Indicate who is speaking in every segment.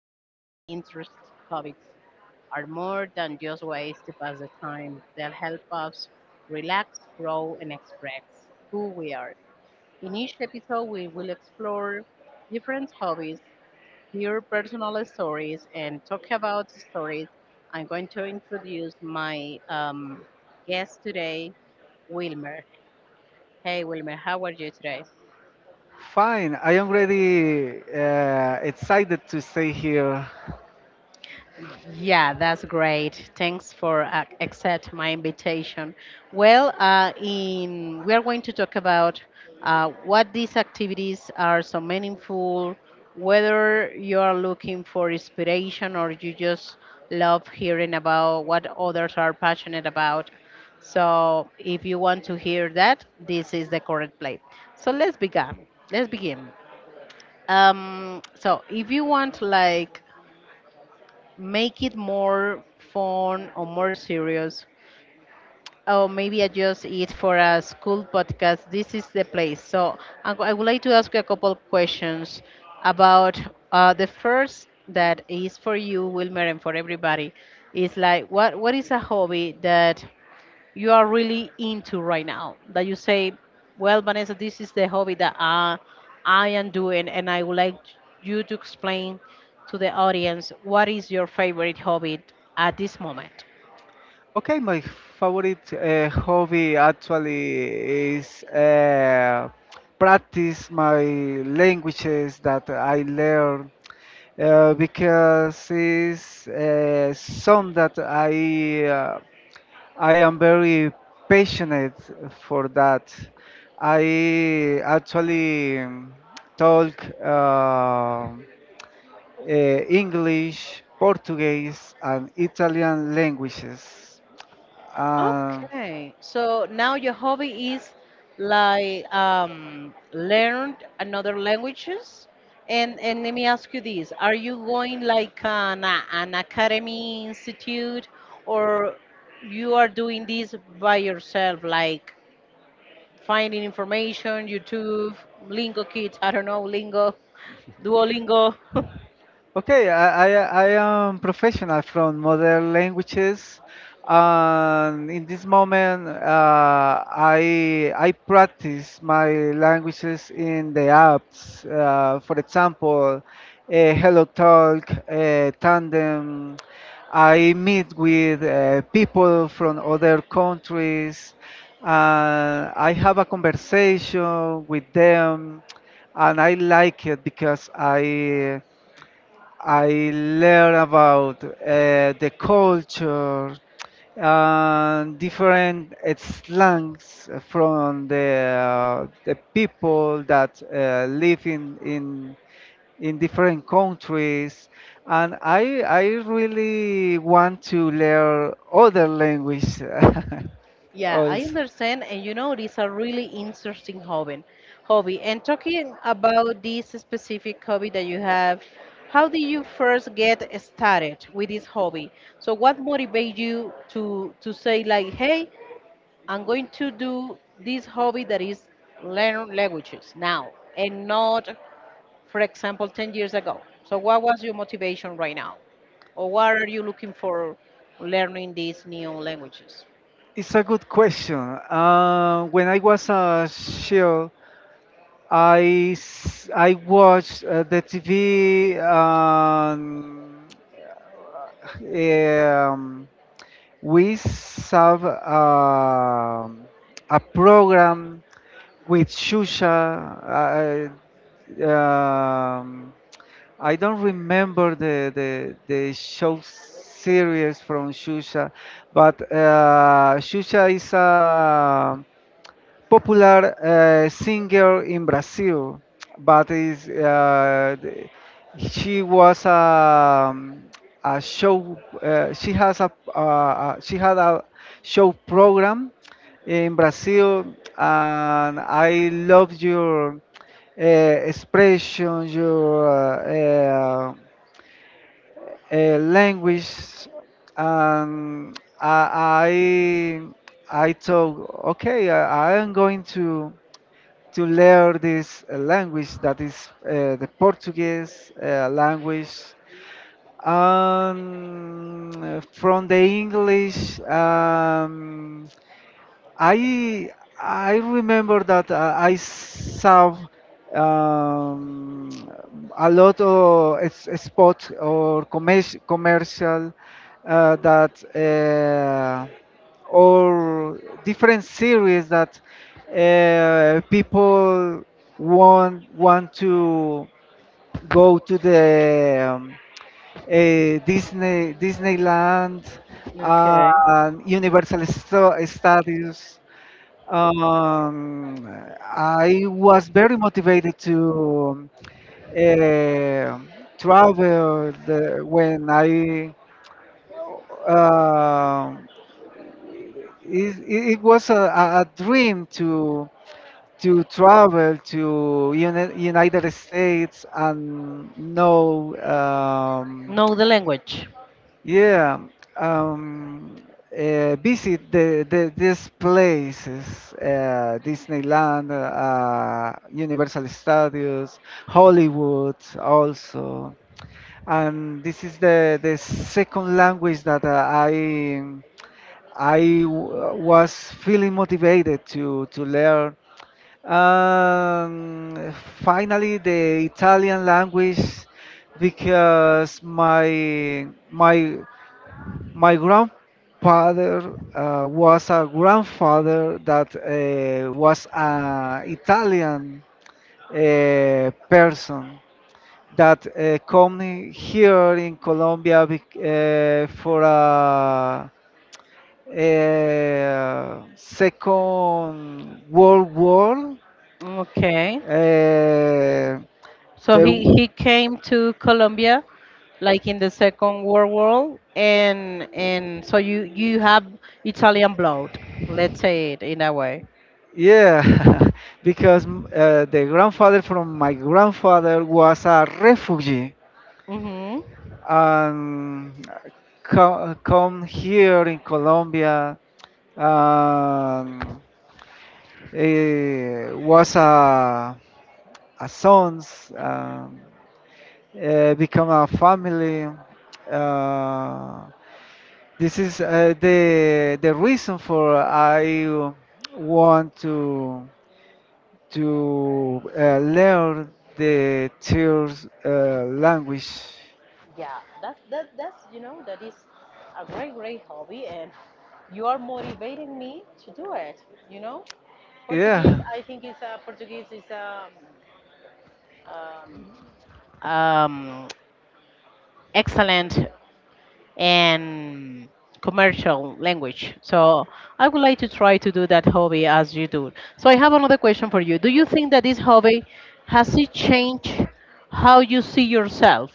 Speaker 1: everyday interest hobbies are more than just ways to pass the time. They'll help us relax, grow, and express who we are. In each episode, we will explore different hobbies hear personal stories and talk about stories. I'm going to introduce my guest today, Wilmer. Hey, Wilmer, how are you today?
Speaker 2: Fine, I am really excited to stay here.
Speaker 1: Yeah, that's great. Thanks for accept my invitation. Well, in we are going to talk about what these activities are so meaningful, whether you are looking for inspiration or you just love hearing about what others are passionate about. So, if you want to hear that, this is the correct place. So let's begin. Let's begin. So if you want like make it more fun or more serious or maybe adjust it for a school podcast, this is the place. So I would like to ask you a couple questions about the first that is for you, Wilmer, and for everybody is like what is a hobby that you are really into right now that you say, "Well, Vanessa, this is the hobby that I am doing," and I would like you to explain to the audience what is your favorite hobby at this moment.
Speaker 2: Okay, my favorite hobby actually is practice my languages that I learn because it's some that I am very passionate for that. I actually talk. Uh, English, Portuguese, and Italian languages. Uh,
Speaker 1: Okay, so now your hobby is like learn another languages, and let me ask you this: Are you going like an academy institute, or you are doing this by yourself, like finding information, YouTube, Lingo Kids, I don't know, Lingo, Duolingo?
Speaker 2: Okay, I am professional from modern languages, and in this moment, I practice my languages in the apps. For example, HelloTalk, Tandem. I meet with people from other countries, and I have a conversation with them, and I like it because I learn about the culture and different slangs from the people that live in different countries, and I really want to learn other language
Speaker 1: Yeah, I
Speaker 2: also.
Speaker 1: understand, and you know, it is a really interesting hobby. Hobby. And talking about this specific hobby that you have, how did you first get started with this hobby? So, what motivated you to say like, "Hey, I'm going to do this hobby that is learn languages now, and not, for example, 10 years ago." So, what was your motivation right now, or what are you looking for learning these new languages?
Speaker 2: It's a good question. When I was a child, I watch the TV. Um, we have a program with Shusha. Um, I don't remember the show series from Shusha, but Shusha is a popular singer in Brazil, but is she was a show. She had a show program in Brazil, and I love your expression, your language, and I thought, okay, I am going to learn this language that is the Portuguese language. And from the English, I I remember that I saw um, a lot of spots or commercial, that or different series that people want to go to the Disneyland
Speaker 1: Okay.
Speaker 2: and Universal Studios. um, I was very motivated to uh, travel the, when I. um it was a dream to travel to United States and know.
Speaker 1: Know the language.
Speaker 2: Yeah, um, visit these places, Disneyland, Universal Studios, Hollywood also. And this is the second language that I was feeling motivated to learn. Um, finally, the Italian language because my grandfather was a grandfather that was an Italian person that come here in Colombia for a Second World War.
Speaker 1: Okay.
Speaker 2: Uh,
Speaker 1: So
Speaker 2: there,
Speaker 1: he came to Colombia like in the Second World War, and so you have Italian blood, let's say it in a way.
Speaker 2: yeah, because the grandfather from my grandfather was a refugee
Speaker 1: Mhm.
Speaker 2: and come here in Colombia, um, was a sons, become a family. Uh, this is the reason for I want to learn the third language.
Speaker 1: Yeah, that's you know that is a great hobby and you are motivating me to do it, you know? Portuguese,
Speaker 2: Yeah,
Speaker 1: I think is a Portuguese is a um, um, excellent and commercial language. So I would like to try to do that hobby as you do. So I have another question for you. Do you think that this hobby has it changed how you see yourself?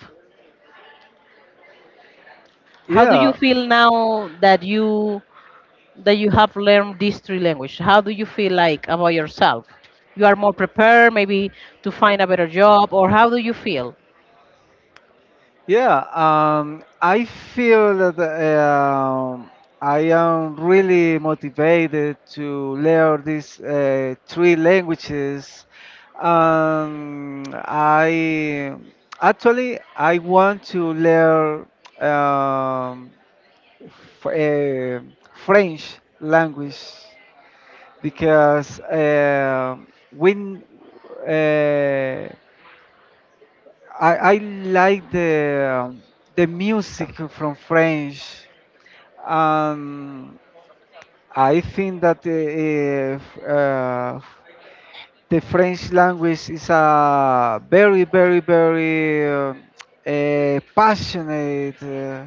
Speaker 1: How do you
Speaker 2: yeah.
Speaker 1: feel now that you have learned these three languages? How do you feel like about yourself? You are more prepared maybe to find a better job, or how do you feel?
Speaker 2: Yeah, I feel that I am really motivated to learn these three languages. I actually I want to learn um, f- uh, French language because when uh, I like the music from French. Um, I think that if, the French language is a very, very, very uh, passionate. Uh,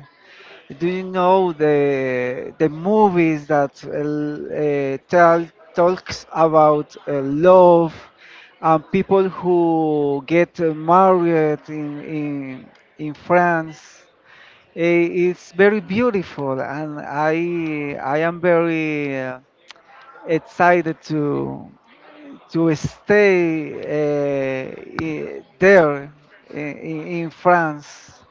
Speaker 2: do you know the movies that tell talks about love and people who get married in France? It's very beautiful, and I am very excited to stay there in France.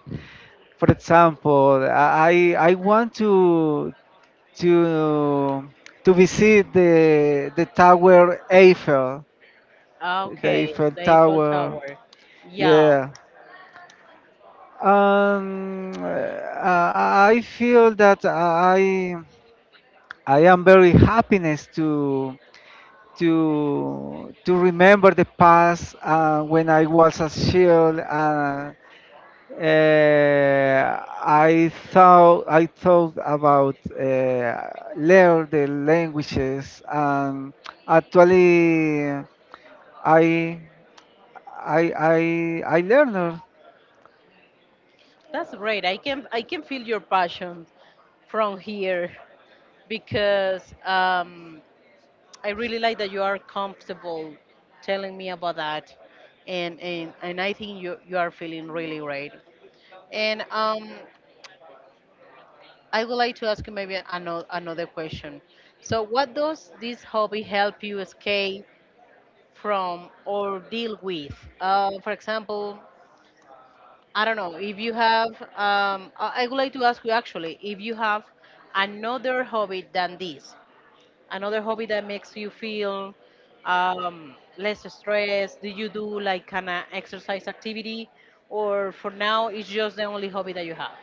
Speaker 2: For example, I want to to visit the Tower Eiffel, the
Speaker 1: Okay,
Speaker 2: Eiffel
Speaker 1: the Eiffel
Speaker 2: Tower.
Speaker 1: Tower. Yeah.
Speaker 2: Yeah. I feel that I am very happiness to remember the past when I was a child. Uh, I thought about learn the languages, and actually I I learned.
Speaker 1: That's great. I can feel your passion from here because I really like that you are comfortable telling me about that, and I think you are feeling really great. And I would like to ask you maybe another question. So, what does this hobby help you escape from or deal with? For example, I don't know if you have. I would like to ask you actually if you have another hobby than this, another hobby that makes you feel less stressed. Do you do like kind of exercise activity, or for now it's just the only hobby that you have?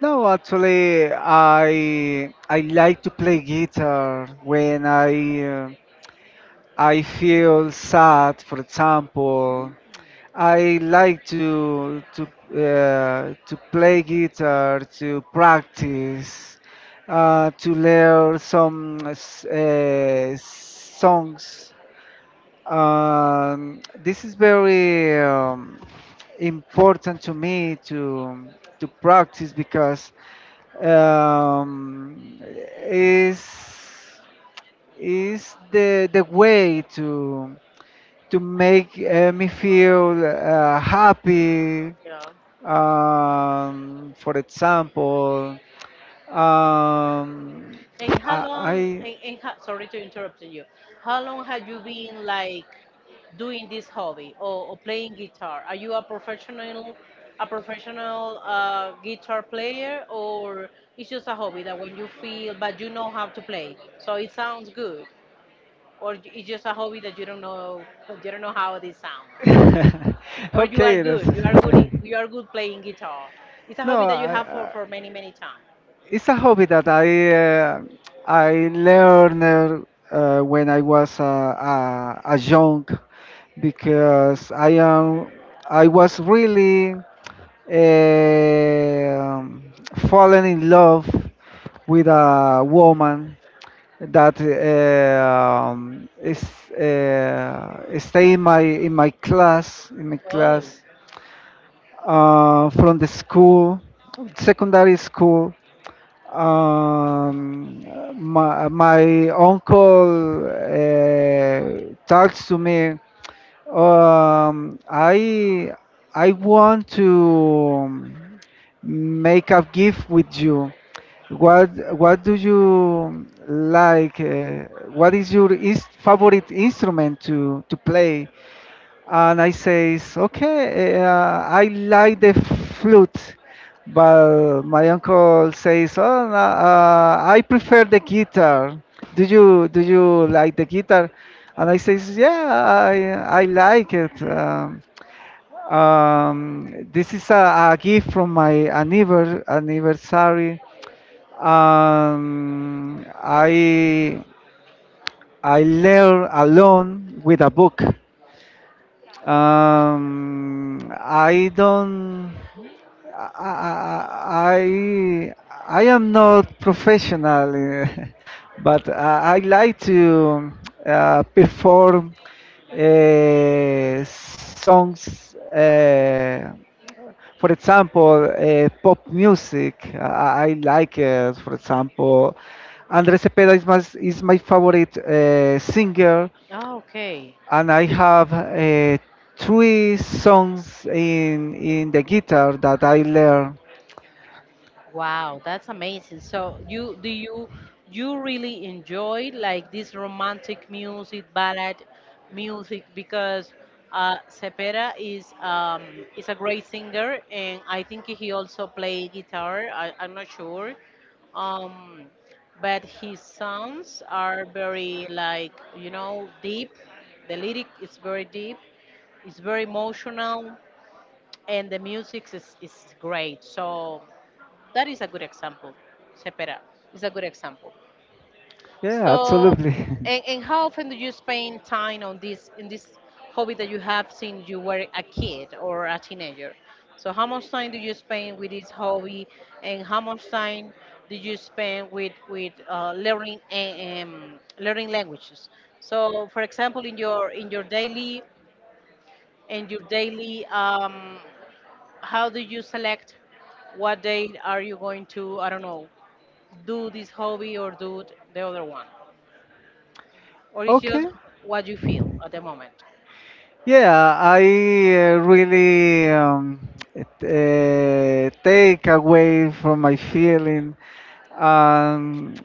Speaker 2: No, actually I like to play guitar when I feel sad. For example, I like to play guitar, to practice, to learn some songs. This is very important to me to practice because um, is is the way to make me feel happy.
Speaker 1: Yeah.
Speaker 2: For example, um,
Speaker 1: And how long,
Speaker 2: I
Speaker 1: sorry to interrupt you, how long have you been like doing this hobby, or playing guitar? Are you a professional, a professional guitar player, or it's just a hobby that when you feel, but you know how to play, so it sounds good? Or it's just a hobby that you don't know how this sounds? Or
Speaker 2: okay. That's,
Speaker 1: you are good playing guitar. It's a
Speaker 2: no,
Speaker 1: hobby that you have for many, many time.
Speaker 2: it's a hobby that I learned when I was a young because I was really um fallen in love with a woman that is stay in my
Speaker 1: Oh,
Speaker 2: class from the school secondary school. Um, my, my uncle talks to me. Um, I I want to make a gift with you. What what do you like? What is your is favorite instrument to play? And I says, okay, I like the flute, but my uncle says, oh, no, I prefer the guitar. Do you like the guitar? And I says, yeah, I like it. This is a gift from my anniversary. Um, I I learn alone with a book. I don't. I I, I am not professional, but I like to perform songs. For example, pop music. I like it. For example, Andrés Cepeda is my favorite singer,
Speaker 1: oh okay.
Speaker 2: and I have three songs in the guitar that I learned.
Speaker 1: Wow, that's amazing. So you you really enjoy like this romantic music, ballad music because Cepeda is a great singer, and I think he also play guitar. I'm not sure, um, but his songs are very like you know deep. The lyric is very deep. It's very emotional, and the music is great. So. That is a good example. Sepera is a good example.
Speaker 2: Yeah,
Speaker 1: So,
Speaker 2: absolutely.
Speaker 1: and how often do you spend time on this in this hobby that you have since you were a kid or a teenager? So, how much time do you spend with this hobby, and how much time do you spend with learning and learning languages? So, for example, in your in your daily, how do you select what day are you going to? I don't know, do this hobby or do the other one? Or it's
Speaker 2: Okay.
Speaker 1: just what you feel at the moment?
Speaker 2: Yeah, I really take away from my feeling. Um,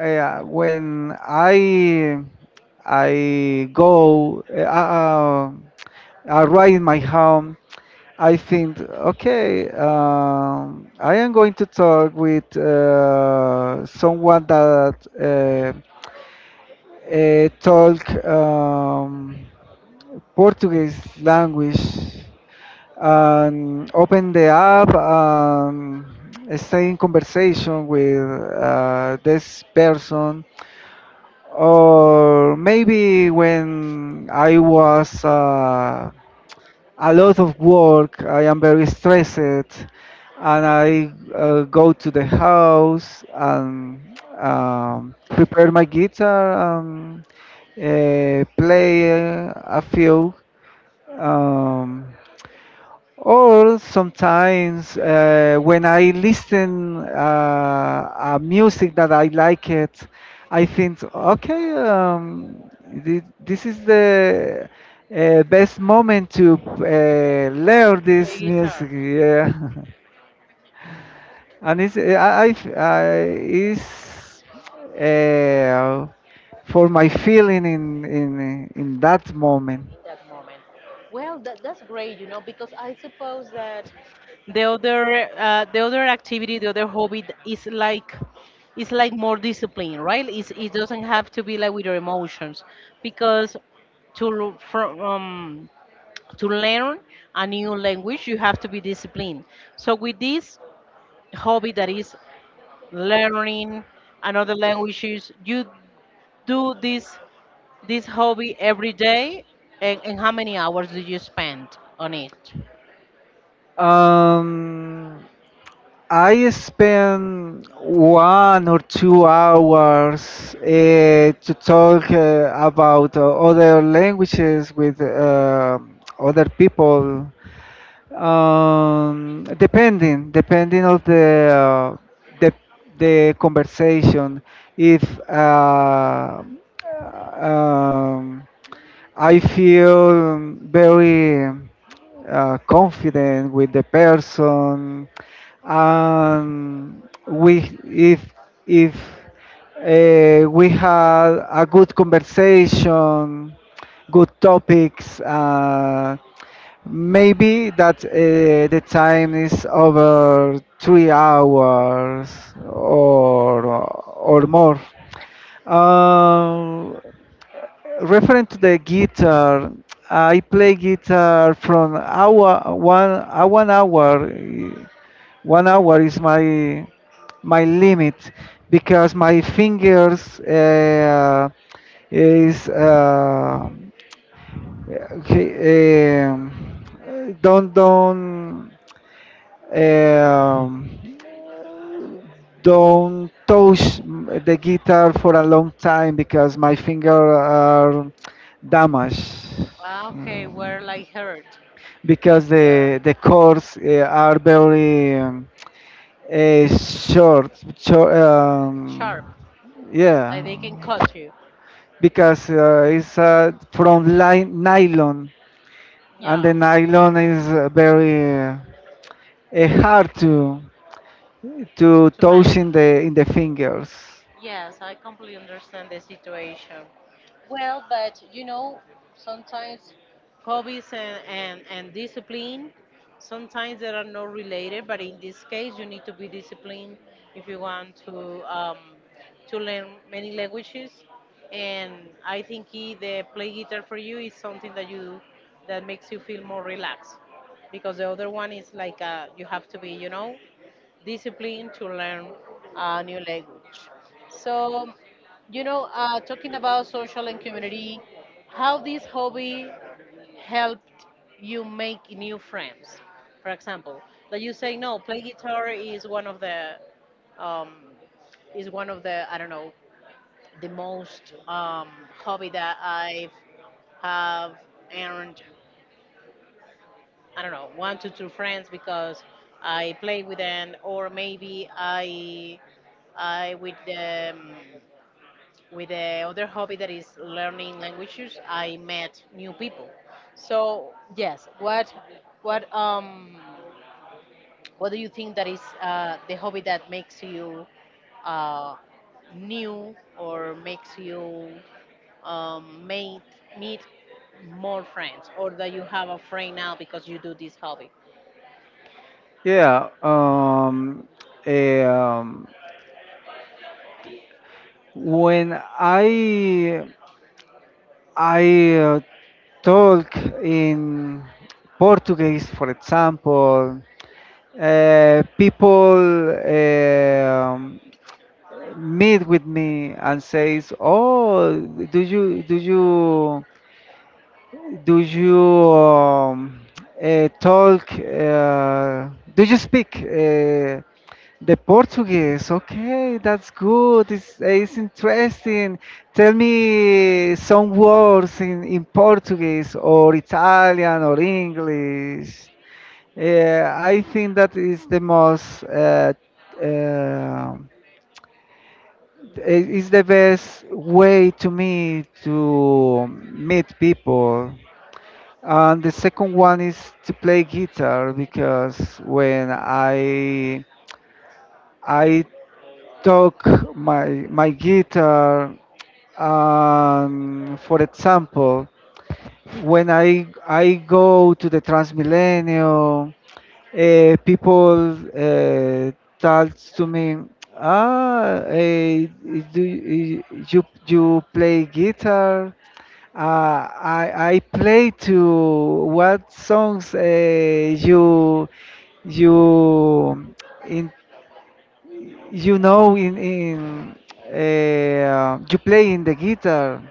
Speaker 2: yeah, when I arrive in my home, I think, okay, I am going to talk with someone that talk. Portuguese language, and open the app and stay in conversation with this person. Or maybe when I was a lot of work, I am very stressed, and I go to the house and prepare my guitar and play a few. Um, or sometimes when I listen a music that I like it, I think, okay, this is the best moment to learn
Speaker 1: Play
Speaker 2: this
Speaker 1: guitar
Speaker 2: music. Yeah, and it's I, f- I it's uh, for my feeling in that moment.
Speaker 1: that moment. Well, that's great, you know, because I suppose that the other activity, the other hobby is like it's like more discipline, right? It's, it doesn't have to be like with your emotions, because to l- from to learn a new language, you have to be disciplined. So with this hobby that is learning another languages. You do this hobby every day, and how many hours do you spend on it?
Speaker 2: Um, I spend 1 or 2 hours to talk about other languages with other people, depending of the the conversation. If um, I feel very confident with the person. We if we had a good conversation, good topics. Maybe that the time is over 3 hours or more. Um, referring to the guitar, I play guitar from hour one, 1 hour. 1 hour is my limit because my fingers is okay, don't don't um, don't touch the guitar for a long time because my finger are damaged.
Speaker 1: Ah, okay,
Speaker 2: Um,
Speaker 1: we're like hurt.
Speaker 2: because
Speaker 1: Yeah,
Speaker 2: the chords are very short, short.
Speaker 1: sharp. Like they
Speaker 2: Yeah,
Speaker 1: can cut you.
Speaker 2: because it's from nylon, and
Speaker 1: Yeah,
Speaker 2: the nylon is very hard to
Speaker 1: to
Speaker 2: toes in
Speaker 1: manage.
Speaker 2: the fingers.
Speaker 1: Yes, I completely understand the situation. Well, but you know, sometimes Hobbies and discipline, sometimes they are not related, but in this case, you need to be disciplined if you want to learn many languages. And I think the play guitar for you is something that you that makes you feel more relaxed, because the other one is like you have to be, you know, discipline to learn a new language. So, you know, talking about social and community, how this hobby helped you make new friends. For example, that you say no, play guitar is one of the um, is one of the I don't know the most hobby that I've have earned, I don't know, one to two friends because I play with them, or maybe I with the other hobby that is learning languages, I met new people. So yes, what um what do you think that is the hobby that makes you uh, new, or makes you made meet more friends, or that you have a friend now because you do this hobby?
Speaker 2: Yeah. Eh, um, when I talk in Portuguese, for example, people meet with me and says, "Oh, do you?" Do you talk? Do you speak the Portuguese? Okay, that's good. It's interesting. Tell me some words in Portuguese or Italian or English. Yeah, I think that uh, is the best way to me to meet people. And the second one is to play guitar because when I took my guitar. For example, when I go to the Transmilenio, people talk to me. ah eh, do you play guitar? uh, I play to what songs you in you know in you play in the guitar.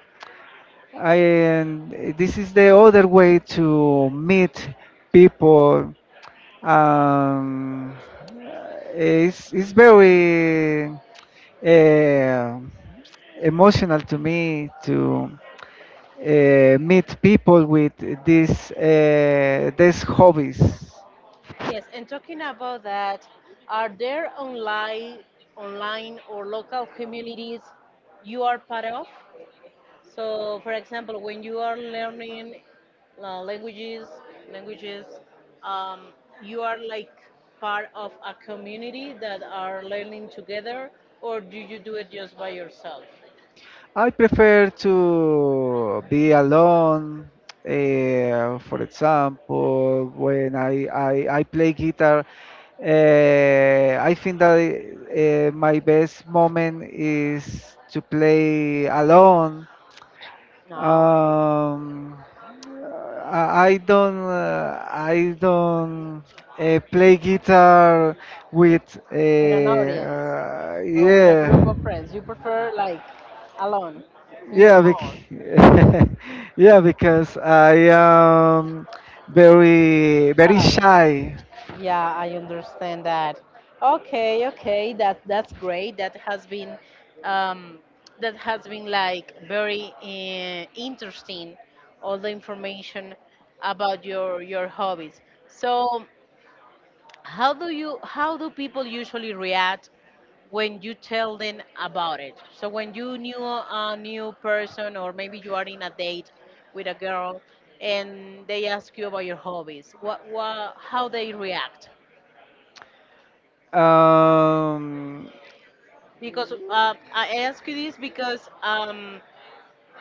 Speaker 2: And this is the other way to meet people. Um, it's very uh, emotional to me to meet people with these hobbies.
Speaker 1: Yes, and talking about that, are there online, online or local communities you are part of? So, for example, when you are learning uh, languages, languages, um, you are like part of a community that are learning together, or do you do it just by yourself?
Speaker 2: I prefer to be alone. For example, when I play guitar, I think that my best moment is to play alone.
Speaker 1: No,
Speaker 2: Um, I don't play guitar with,
Speaker 1: with an audience or with a group
Speaker 2: yeah.
Speaker 1: of friends. You prefer like alone in your
Speaker 2: Yeah, bec
Speaker 1: home.
Speaker 2: yeah, because I am very, very
Speaker 1: Try.
Speaker 2: shy.
Speaker 1: Yeah, I understand that. Okay, okay, that that's great. Um, that has been like very interesting. All the information about your hobbies. So, how do people usually react when you tell them about it? So when you knew a new person, or maybe you are in a date with a girl, and they ask you about your hobbies, what how they react?
Speaker 2: Um,
Speaker 1: Because I ask you this because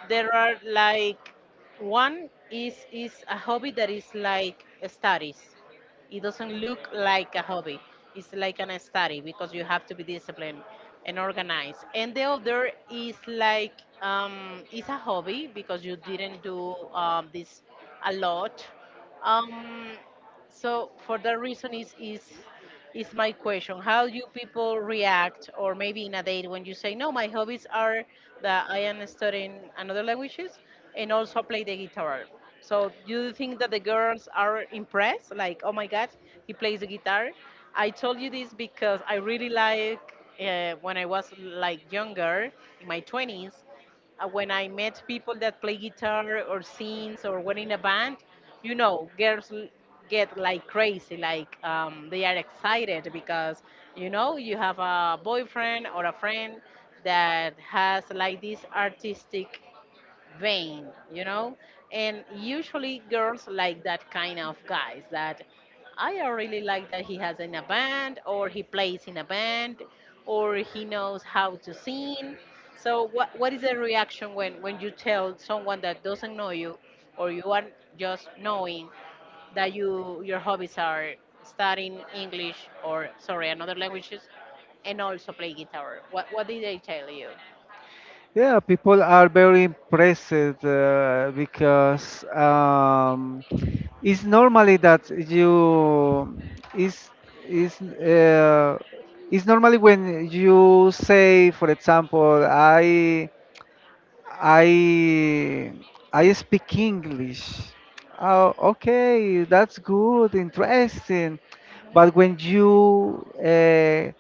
Speaker 1: there are like one is a hobby that is like studies. It doesn't look like a hobby. It's like an study because you have to be disciplined and organized. And the other is like it's a hobby because you didn't do this a lot. Um, so for that reason is my question. How do people react, or maybe in a date, when you say, "No, my hobbies are that I am studying another languages and also play the guitar." So do you think that the girls are impressed? Like, "Oh my god, he plays the guitar." I told you this because I really like when I was like younger, in my 20s, when I met people that play guitar or sings or were in a band, you know, girls get like crazy, like they are excited because you know you have a boyfriend or a friend that has like this artistic vain, you know? And usually girls like that kind of guys that I really like that he has in a band or he plays in a band or he knows how to sing. So what is the reaction when you tell someone that doesn't know you, or you are just knowing that you your hobbies are studying English or sorry another languages and also play guitar? What did they tell you?
Speaker 2: Yeah, people are very impressed because it's normally that you is is it's normally when you say, for example, I I speak English. Oh, okay, that's good, interesting. But when you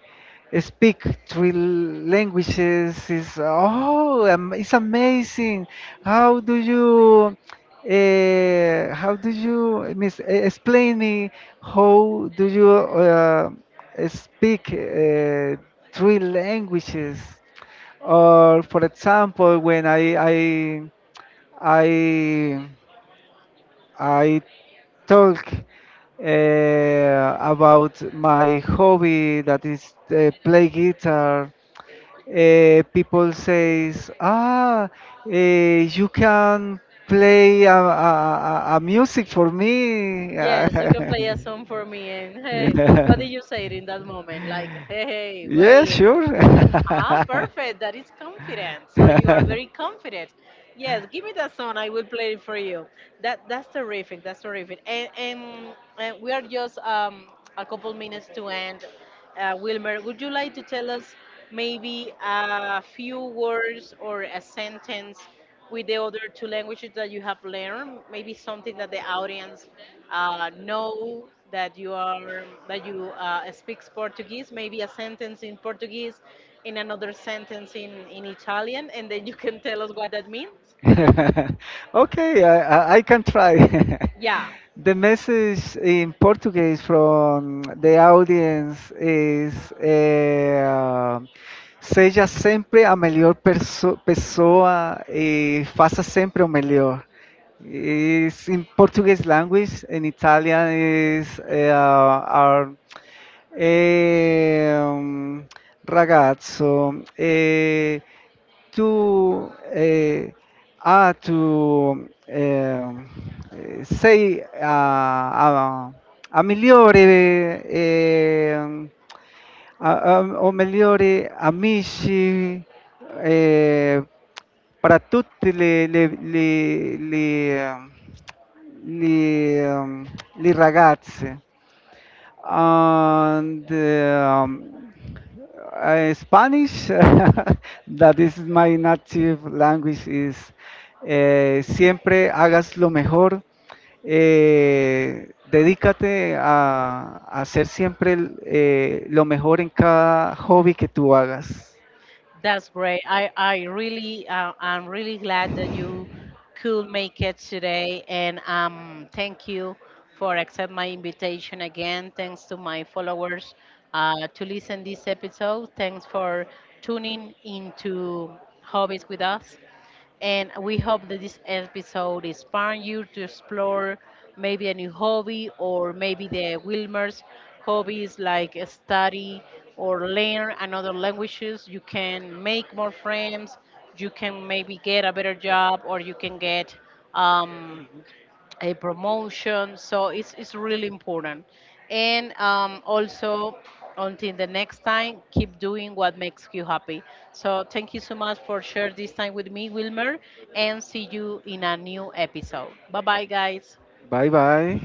Speaker 2: speak three languages, it's amazing. How do you? How do you miss, explain me how do you speak three languages? Or for example, when I I talk about my hobby that is play guitar, people says, ah, you can play a music for me.
Speaker 1: Yes, you can play a song for me. And hey,
Speaker 2: Yeah,
Speaker 1: what did you say in that moment? Like, hey, hey,
Speaker 2: yeah,
Speaker 1: wait.
Speaker 2: sure.
Speaker 1: Ah, perfect. That is confident. So you are very confident. Yes, give me that song. I will play it for you. That that's terrific. That's terrific. And we are just a couple minutes to end. Wilmer, would you like to tell us maybe a few words or a sentence with the other two languages that you have learned? Maybe something that the audience know that you are that you speaks Portuguese. Maybe a sentence in Portuguese, in another sentence in Italian, and then you can tell us what that means.
Speaker 2: Okay, I can try.
Speaker 1: Yeah.
Speaker 2: The message in Portuguese from the audience is: seja sempre a melhor pessoa e faça sempre o melhor. Is in Portuguese language, in Italian is our eh, um, ragazzo. To to sei a, a migliori o migliori amici eh, per tutti le, ehm, le ragazze. And Spanish, that is my native language, is siempre hagas lo mejor. Dedícate a hacer siempre lo mejor en cada hobby que tú hagas.
Speaker 1: That's great. I really, I'm really glad that you could make it today. And thank you for accept my invitation again. Thanks to my followers to listen this episode. Thanks for tuning into Hobbies with us. And we hope that this episode inspired you to explore maybe a new hobby, or maybe the Wilmer's hobbies like study or learn another languages. You can make more friends. You can maybe get a better job, or you can get um, a promotion. So it's really important. And also, until the next time, keep doing what makes you happy. So thank you so much for sharing this time with me, Wilmer, and see you in a new episode. Bye bye, guys.
Speaker 2: Bye bye.